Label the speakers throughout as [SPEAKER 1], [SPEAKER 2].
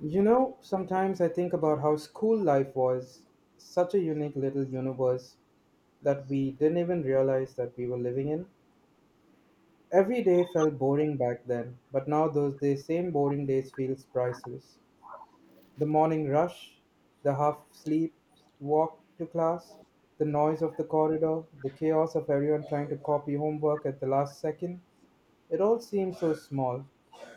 [SPEAKER 1] You know, sometimes I think about how school life was such a unique little universe that we didn't even realize that we were living in. Every day felt boring back then, but now those days, same boring days feels priceless. The morning rush, the half sleep, walk to class, the noise of the corridor, the chaos of everyone trying to copy homework at the last second, it all seemed so small.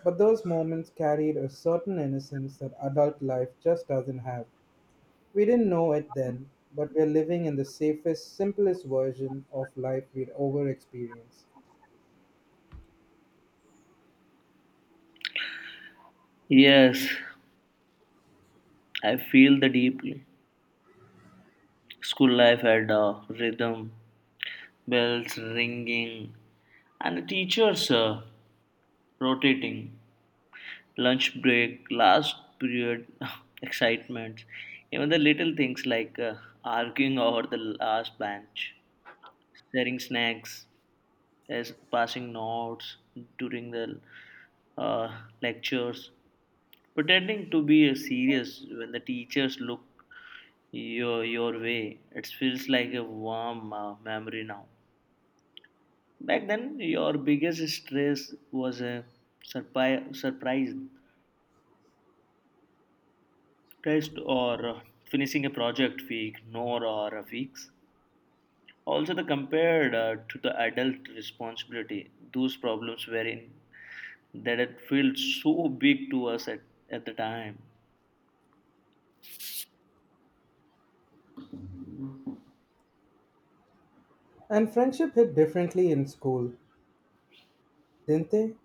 [SPEAKER 1] But those moments carried a certain innocence that adult life just doesn't have. We didn't know it then, but we're living in the safest, simplest version of life we'd ever experienced.
[SPEAKER 2] Yes, I feel the deeply. School life had a rhythm, bells ringing, and the teachers rotating, lunch break, last period excitements, even the little things like arguing over the last bench, sharing snacks, as passing notes during the lectures, pretending to be serious when the teachers look your way. It feels like a warm memory now. Back then, your biggest stress was a surprise test or finishing a project we ignore or fix. Also, the compared to the adult responsibility, those problems were in that it felt so big to us at the time.
[SPEAKER 1] And friendship hit differently in school, didn't they?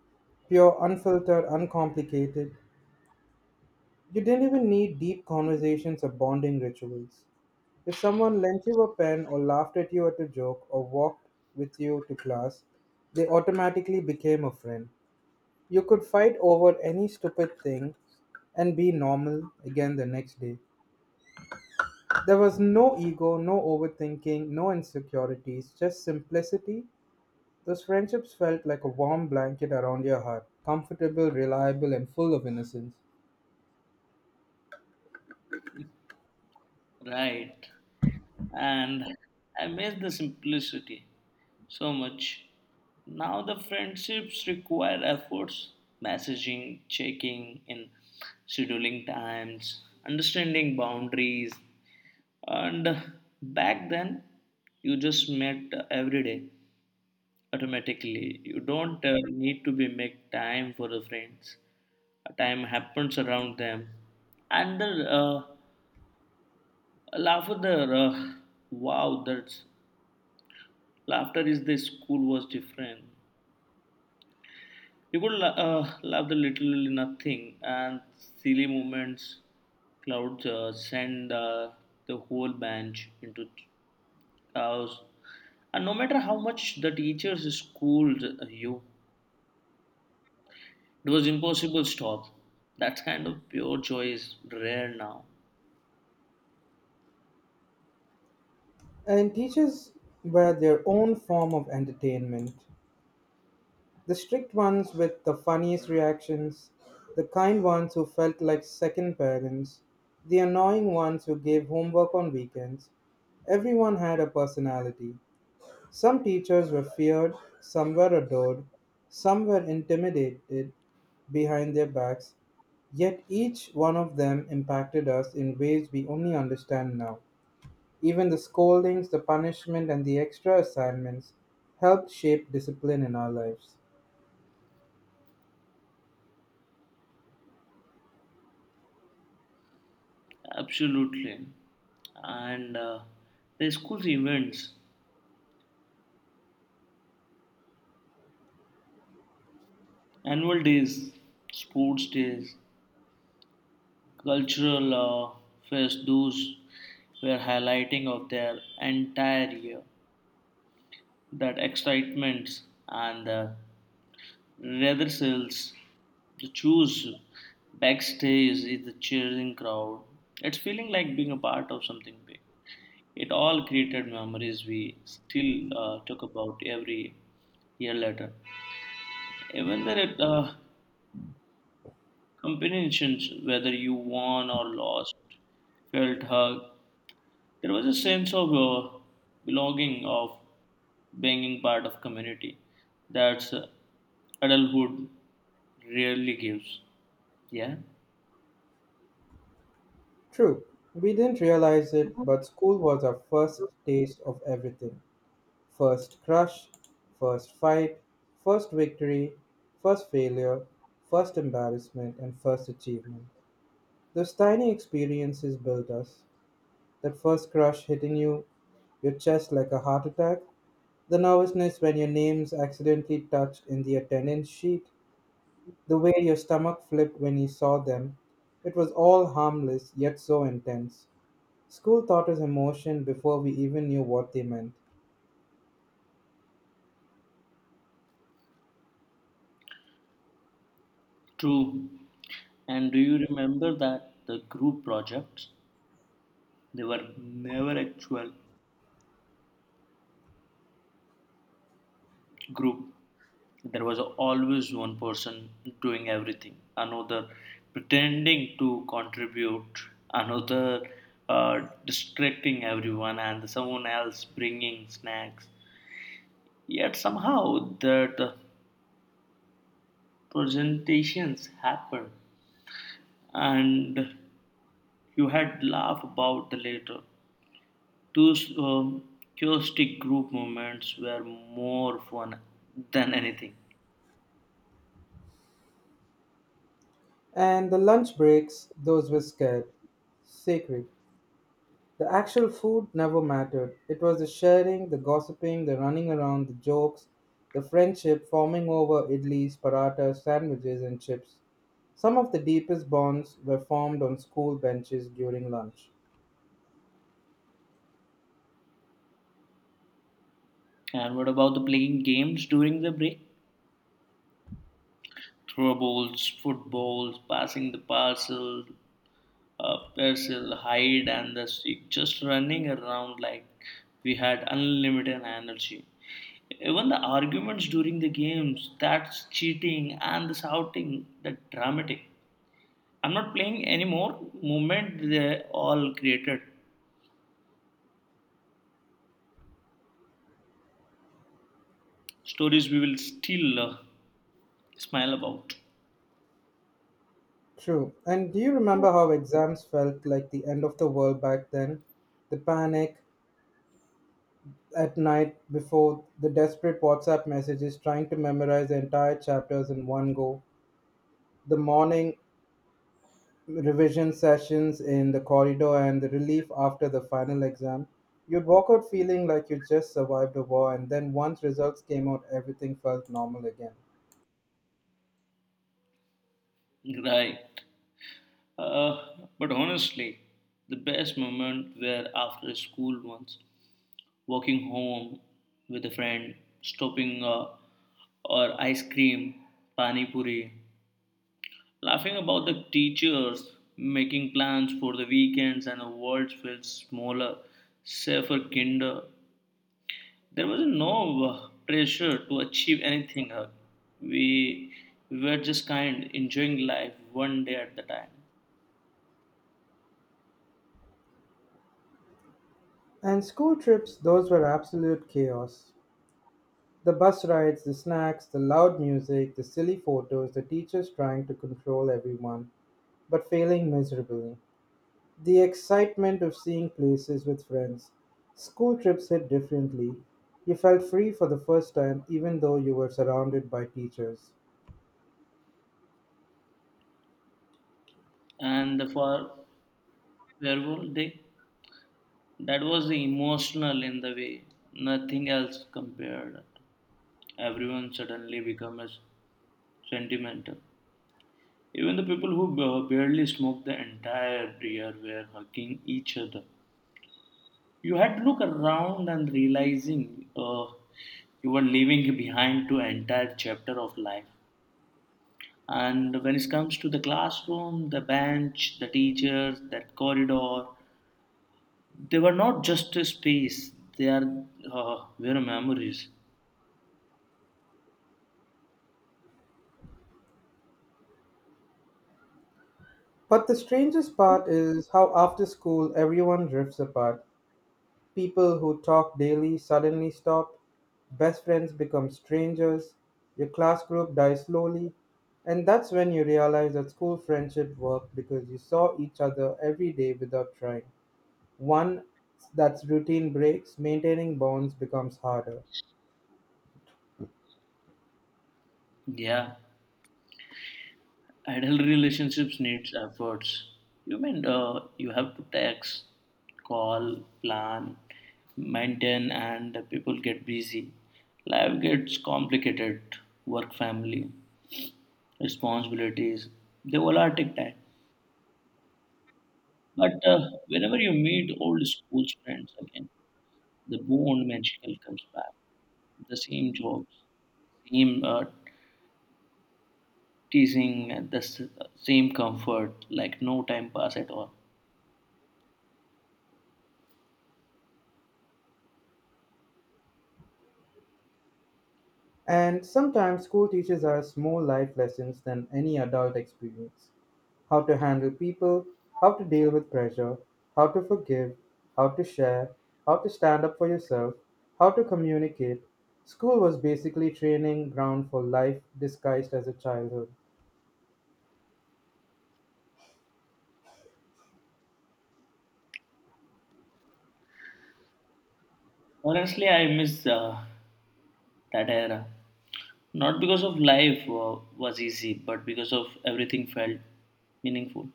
[SPEAKER 1] Pure, unfiltered, uncomplicated. You didn't even need deep conversations or bonding rituals. If someone lent you a pen or laughed at you at a joke or walked with you to class, they automatically became a friend. You could fight over any stupid thing and be normal again the next day. There was no ego, no overthinking, no insecurities, just simplicity. Those friendships felt like a warm blanket around your heart, comfortable, reliable, and full of innocence.
[SPEAKER 2] Right. And I miss the simplicity so much. Now the friendships require efforts, messaging, checking in, scheduling times, understanding boundaries, and back then you just met every day automatically. You don't need to be make time for the friends. Time happens around them, and the laugh of the wow, that's Laughter is the school was different. You could laugh the literally nothing, and silly moments clouds send the whole bench into chaos. And no matter how much the teachers schooled you, it was impossible to stop. That kind of pure joy is rare now.
[SPEAKER 1] And teachers were their own form of entertainment. The strict ones with the funniest reactions, the kind ones who felt like second parents, the annoying ones who gave homework on weekends. Everyone had a personality. Some teachers were feared, some were adored, some were intimidated behind their backs, yet each one of them impacted us in ways we only understand now. Even the scoldings, the punishment, and the extra assignments helped shape discipline in our lives.
[SPEAKER 2] Absolutely. And the school's events, annual days, sports days, cultural fest those were highlighting of their entire year, that excitement and the rehearsals, the choose backstage is the cheering crowd, it's feeling like being a part of something big, it all created memories we still talk about every year later, even there at competitions whether you won or lost felt hug. There was a sense of belonging, of being part of community that adulthood rarely gives. Yeah,
[SPEAKER 1] True, we didn't realize it, but school was our first taste of everything. First crush, first fight, first victory, first failure, first embarrassment, and first achievement. Those tiny experiences built us. That first crush hitting you, your chest like a heart attack, the nervousness when your name's accidentally touched in the attendance sheet, the way your stomach flipped when you saw them. It was all harmless, yet so intense. School taught us emotion before we even knew what they meant.
[SPEAKER 2] true. And do you remember that the group projects? They were never actual group. There was always one person doing everything, another pretending to contribute, another distracting everyone, and someone else bringing snacks. Yet somehow that presentations happen, and you had laugh about the later. Those chaotic group moments were more fun than anything.
[SPEAKER 1] And the lunch breaks, those were scared, sacred. The actual food never mattered. It was the sharing, the gossiping, the running around, the jokes, the friendship forming over idlis, paratas, sandwiches, and chips. Some of the deepest bonds were formed on school benches during lunch.
[SPEAKER 2] And what about the playing games during the break? Throw balls, footballs, passing the parcel, parcel, hide and the seek. Just running around like we had unlimited energy. Even the arguments during the games, that's cheating, and the shouting, that dramatic. I'm not playing anymore. Moment they all created. Stories we will still smile about.
[SPEAKER 1] True. And do you remember how exams felt like the end of the world back then? The panic at night before, the desperate WhatsApp messages trying to memorize the entire chapters in one go. The morning revision sessions in the corridor and the relief after the final exam. You'd walk out feeling like you just survived a war, and then once results came out, everything felt normal again.
[SPEAKER 2] Right. Uh, but honestly, the best moment were after school once, walking home with a friend, stopping or ice cream, pani puri, laughing about the teachers making plans for the weekends, and the world felt smaller, safer, kinder. There was no pressure to achieve anything. We were just kind, enjoying life one day at the time.
[SPEAKER 1] And school trips, those were absolute chaos. The bus rides, the snacks, the loud music, the silly photos, the teachers trying to control everyone, but failing miserably. The excitement of seeing places with friends. School trips hit differently. You felt free for the first time, even though you were surrounded by teachers.
[SPEAKER 2] And the farewell day, that was the emotional in the way. Nothing else compared. Everyone suddenly becomes sentimental. Even the people who barely smoked the entire year were hugging each other. You had to look around and realizing you were leaving behind two entire chapter of life. And when it comes to the classroom, the bench, the teachers, that corridor, they were not just a space. They are were memories.
[SPEAKER 1] But the strangest part is how after school everyone drifts apart. People who talk daily suddenly stop, best friends become strangers, your class group dies slowly, and that's when you realize that school friendship worked because you saw each other every day without trying. One that's routine breaks, maintaining bonds becomes harder.
[SPEAKER 2] Yeah. Adult relationships needs efforts. You mean you have to text, call, plan, maintain, and people get busy. Life gets complicated. Work, family, responsibilities. They all are take time. But whenever you meet old school friends again, the bond magical comes back. The same jokes, same teasing, and the same comfort. Like no time pass at all.
[SPEAKER 1] And sometimes school teaches us more life lessons than any adult experience: how to handle people, how to deal with pressure, how to forgive, how to share, how to stand up for yourself, how to communicate. School was basically training ground for life disguised as a childhood.
[SPEAKER 2] Honestly, I miss that era. Not because of life was easy, but because of everything felt meaningful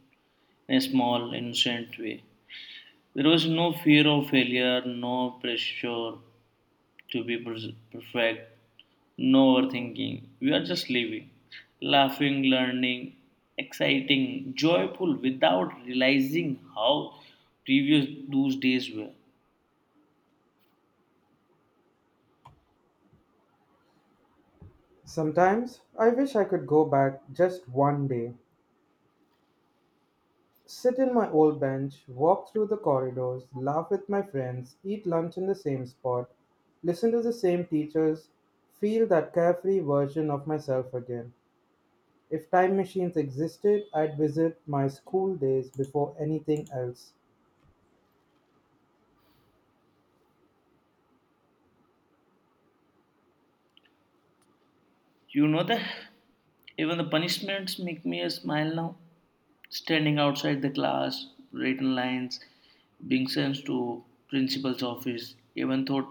[SPEAKER 2] in a small, innocent way. There was no fear of failure, no pressure to be perfect, no overthinking. We are just living, laughing, learning, exciting, joyful without realizing how previous those days were.
[SPEAKER 1] Sometimes I wish I could go back just one day. Sit in my old bench, walk through the corridors, laugh with my friends, eat lunch in the same spot, listen to the same teachers, feel that carefree version of myself again. If time machines existed, I'd visit my school days before anything else.
[SPEAKER 2] You know that even the punishments make me a smile now, standing outside the class, written lines, being sent to principal's office. Even thought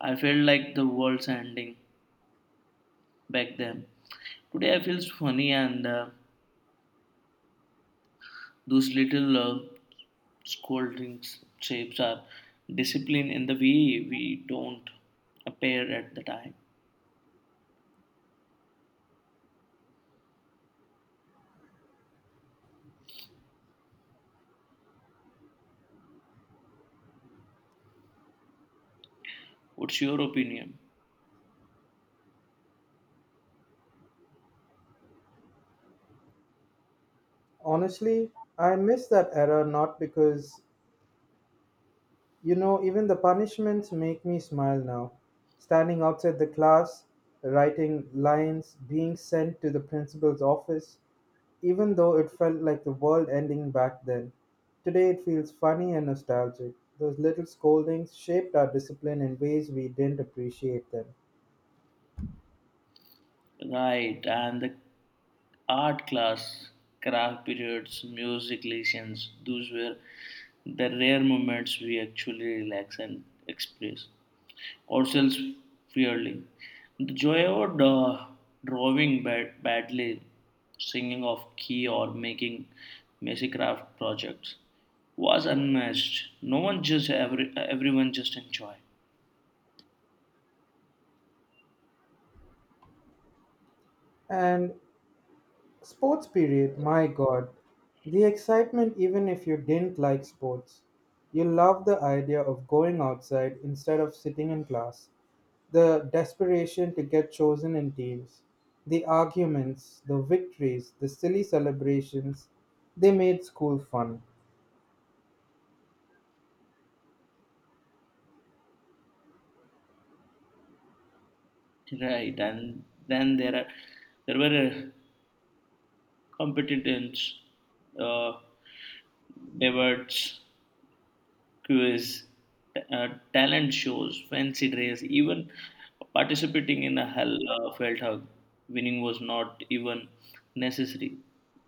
[SPEAKER 2] I felt like the world's ending back then. Today I feel funny and those little scoldings shapes our discipline in the way we don't appear at the time. What's your opinion?
[SPEAKER 1] Honestly, I miss that era not because, you know, even the punishments make me smile now. Standing outside the class, writing lines, being sent to the principal's office, even though it felt like the world ending back then, today it feels funny and nostalgic. Those little scoldings shaped our discipline in ways we didn't appreciate then.
[SPEAKER 2] Right, and the art class, craft periods, music lessons, those were the rare moments we actually relax and express ourselves fairly. The joy of drawing badly, singing off key, or making messy craft projects was unmatched. No one just everyone just enjoy.
[SPEAKER 1] And sports period, my god, the excitement even if you didn't like sports. You loved the idea of going outside instead of sitting in class, the desperation to get chosen in teams, the arguments, the victories, the silly celebrations, they made school fun.
[SPEAKER 2] Right, and then there were competitors, uh, debates, quiz, uh, talent shows, fancy dress, even participating in a hell, felt hug. Winning was not even necessary.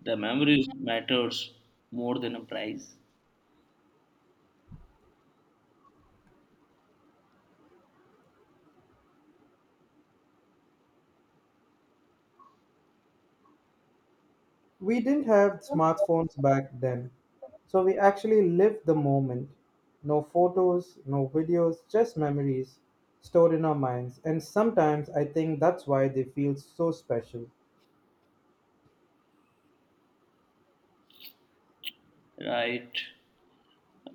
[SPEAKER 2] The memories matters more than a prize,
[SPEAKER 1] We didn't have smartphones back then, so we actually lived the moment. No photos, no videos, just memories stored in our minds. And sometimes I think that's why they feel so special.
[SPEAKER 2] right?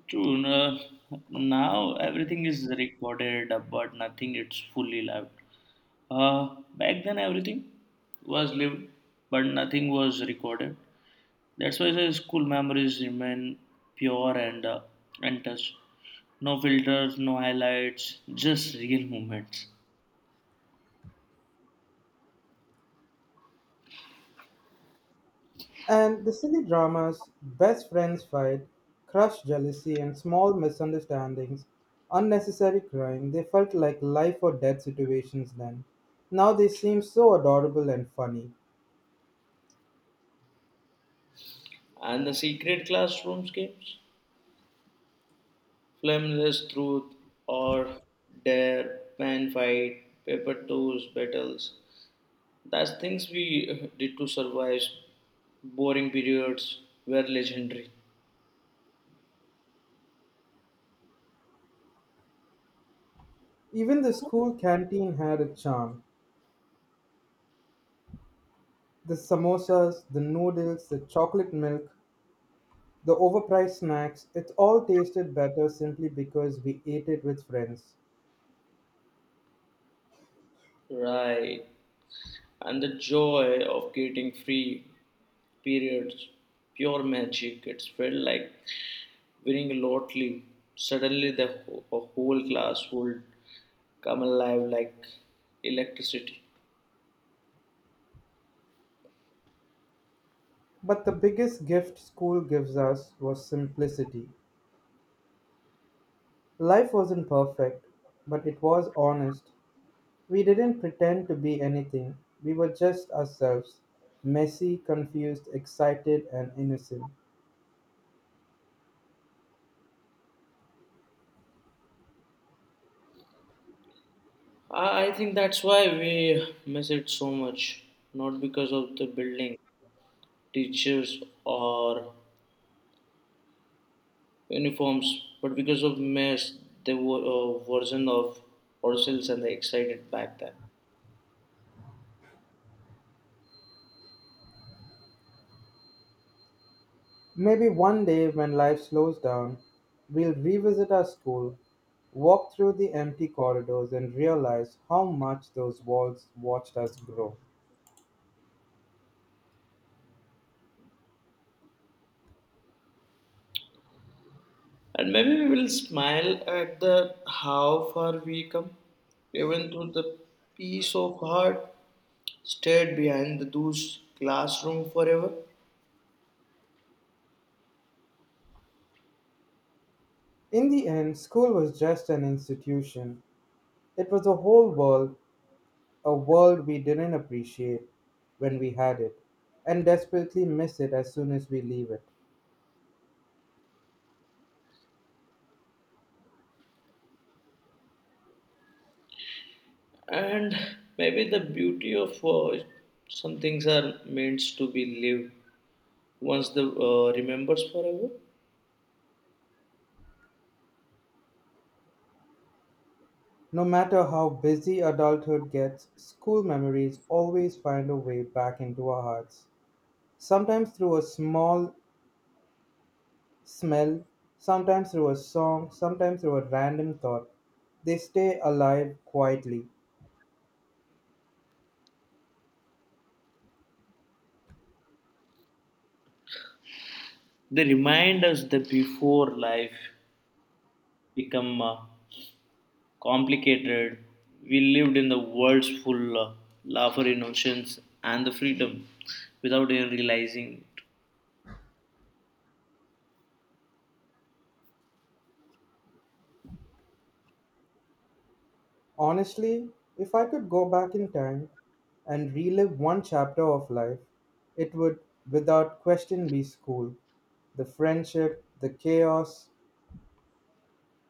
[SPEAKER 2] True. Now everything is recorded, but nothing it's fully lived. Back then everything was lived, but nothing was recorded. That's why the school memories remain pure and untouched. No filters, no highlights, just real moments.
[SPEAKER 1] And the silly dramas, best friends fight, crush jealousy, and small misunderstandings, unnecessary crying, they felt like life or death situations then. Now they seem so adorable and funny.
[SPEAKER 2] And the secret classrooms games? Flameless truth or dare, pen fight, paper toes battles. That's things we did to survive boring periods were legendary.
[SPEAKER 1] Even the school canteen had a charm. The samosas, the noodles, the chocolate milk, the overpriced snacks, it all tasted better simply because we ate it with friends.
[SPEAKER 2] Right. And the joy of getting free periods, pure magic. It felt like winning lottery, suddenly the whole class would come alive like electricity.
[SPEAKER 1] But the biggest gift school gives us was simplicity. Life wasn't perfect, but it was honest. We didn't pretend to be anything, we were just ourselves: messy, confused, excited, and innocent.
[SPEAKER 2] I think that's why we miss it so much, not because of the building, teachers, or uniforms, but because of mess, the version of ourselves and the excited back then.
[SPEAKER 1] Maybe one day, when life slows down, we'll revisit our school, walk through the empty corridors, and realize how much those walls watched us grow.
[SPEAKER 2] And maybe we will smile at the how far we come, even through the peace of heart stayed behind those classroom forever.
[SPEAKER 1] In the end, school was just an institution. It was a whole world, a world we didn't appreciate when we had it, and desperately miss it as soon as we leave it.
[SPEAKER 2] And maybe the beauty of some things are meant to be lived once the remembers forever.
[SPEAKER 1] No matter how busy adulthood gets, school memories always find a way back into our hearts, sometimes through a small smell, sometimes through a song, sometimes through a random thought. They stay alive quietly.
[SPEAKER 2] They remind us that before life become complicated, we lived in the world's full laughter, innocence, and the freedom without even realizing. It.
[SPEAKER 1] Honestly, if I could go back in time and relive one chapter of life, it would without question be school. The friendship, the chaos,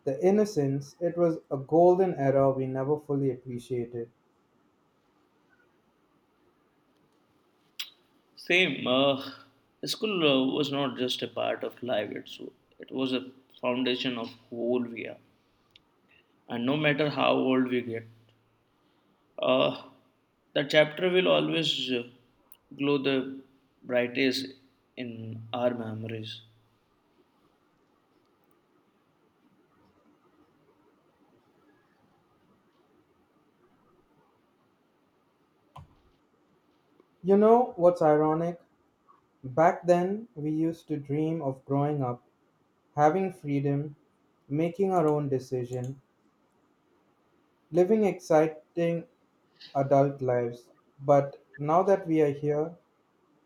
[SPEAKER 1] the innocence, it was a golden era we never fully appreciated.
[SPEAKER 2] Same, school was not just a part of life; it's it was a foundation of who we are. And no matter how old we get, uh, the chapter will always glow the brightest in our memories.
[SPEAKER 1] You know what's ironic? Back then, we used to dream of growing up, having freedom, making our own decision, living exciting adult lives. But now that we are here,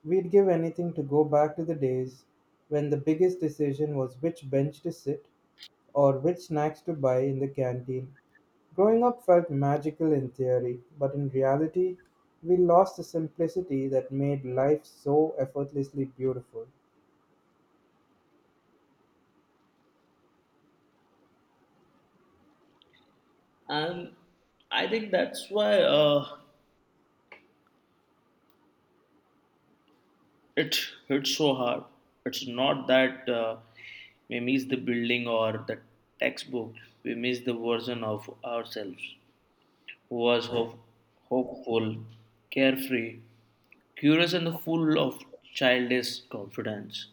[SPEAKER 1] we'd give anything to go back to the days when the biggest decision was which bench to sit or which snacks to buy in the canteen. Growing up felt magical in theory, but in reality, we lost the simplicity that made life so effortlessly beautiful.
[SPEAKER 2] And I think that's why it hits so hard. It's not that we miss the building or the textbook, we miss the version of ourselves who was hopeful, carefree, curious, and full of childish confidence.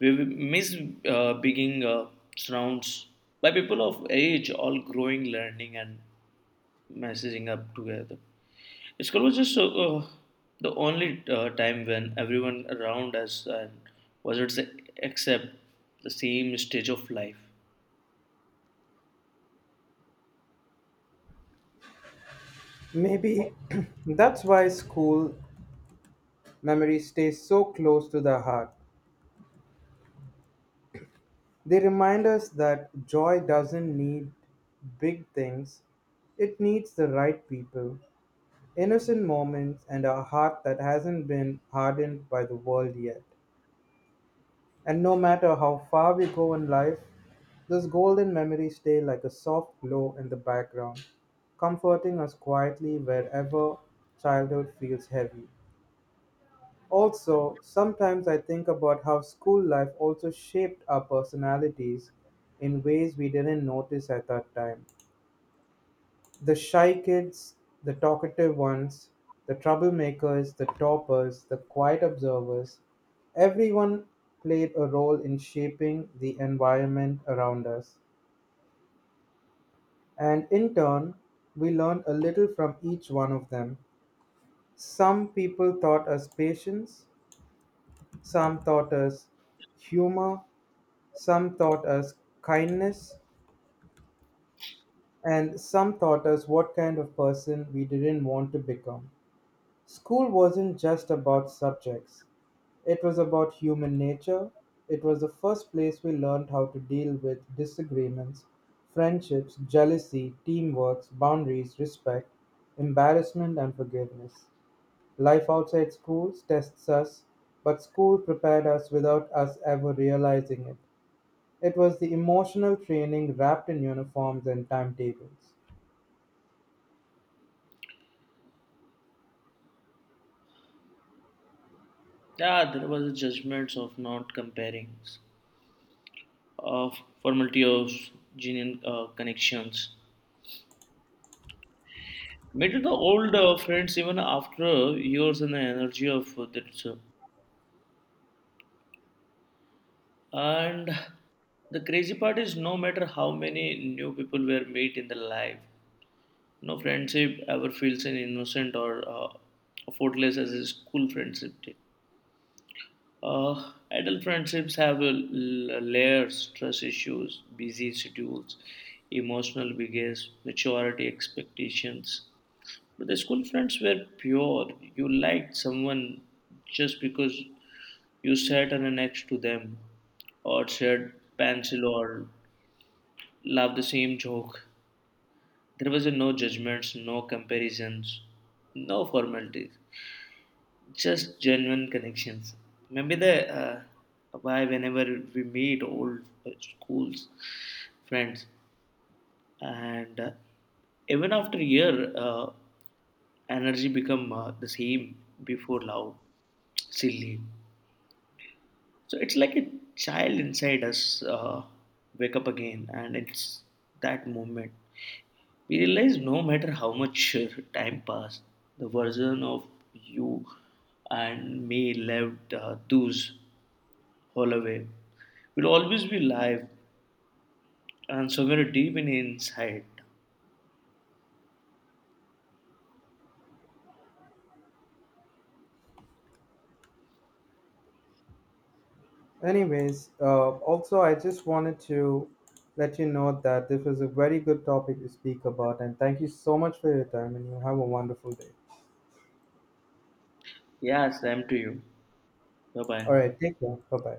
[SPEAKER 2] We miss being surrounds by people of age, all growing, learning, and messaging up together. School was just the only time when everyone around us and was it say, except the same stage of life.
[SPEAKER 1] Maybe that's why school memories stay so close to the heart. They remind us that joy doesn't need big things, it needs the right people, innocent moments, and a heart that hasn't been hardened by the world yet. And no matter how far we go in life, those golden memories stay like a soft glow in the background, comforting us quietly wherever childhood feels heavy. Also, sometimes I think about how school life also shaped our personalities in ways we didn't notice at that time. The shy kids, the talkative ones, the troublemakers, the toppers, the quiet observers, everyone played a role in shaping the environment around us. And in turn, we learned a little from each one of them. Some people taught us patience, some taught us humor, some taught us kindness, and some taught us what kind of person we didn't want to become. School wasn't just about subjects, it was about human nature. It was the first place we learned how to deal with disagreements, friendships, jealousy, teamwork, boundaries, respect, embarrassment, and forgiveness. Life outside schools tests us, but school prepared us without us ever realizing it. It was the emotional training wrapped in uniforms and timetables.
[SPEAKER 2] Yeah, there was a judgments of not comparing, of formality of genuine connections. Meet with the old friends even after years and the energy of that. And the crazy part is, no matter how many new people were meet in the life, no friendship ever feels an innocent or effortless as a school friendship did. Adult friendships have layers, trust issues, busy schedules, emotional baggage, maturity expectations. But the school friends were pure. You liked someone just because you sat on a next to them or shared pencil or laughed the same joke. There was no judgments, no comparisons, no formalities, just genuine connections. Maybe the why whenever we meet old schools friends and even after a year. Energy become the same before loud, silly. So it's like a child inside us wake up again, and it's that moment we realize no matter how much time passed, the version of you and me left those all away will always be live and somewhere deep in inside.
[SPEAKER 1] Anyways, also, I just wanted to let you know that this was a very good topic to speak about, and thank you so much for your time, and you have a wonderful day.
[SPEAKER 2] Yeah, same to you. Bye bye.
[SPEAKER 1] All right, take care. Bye bye.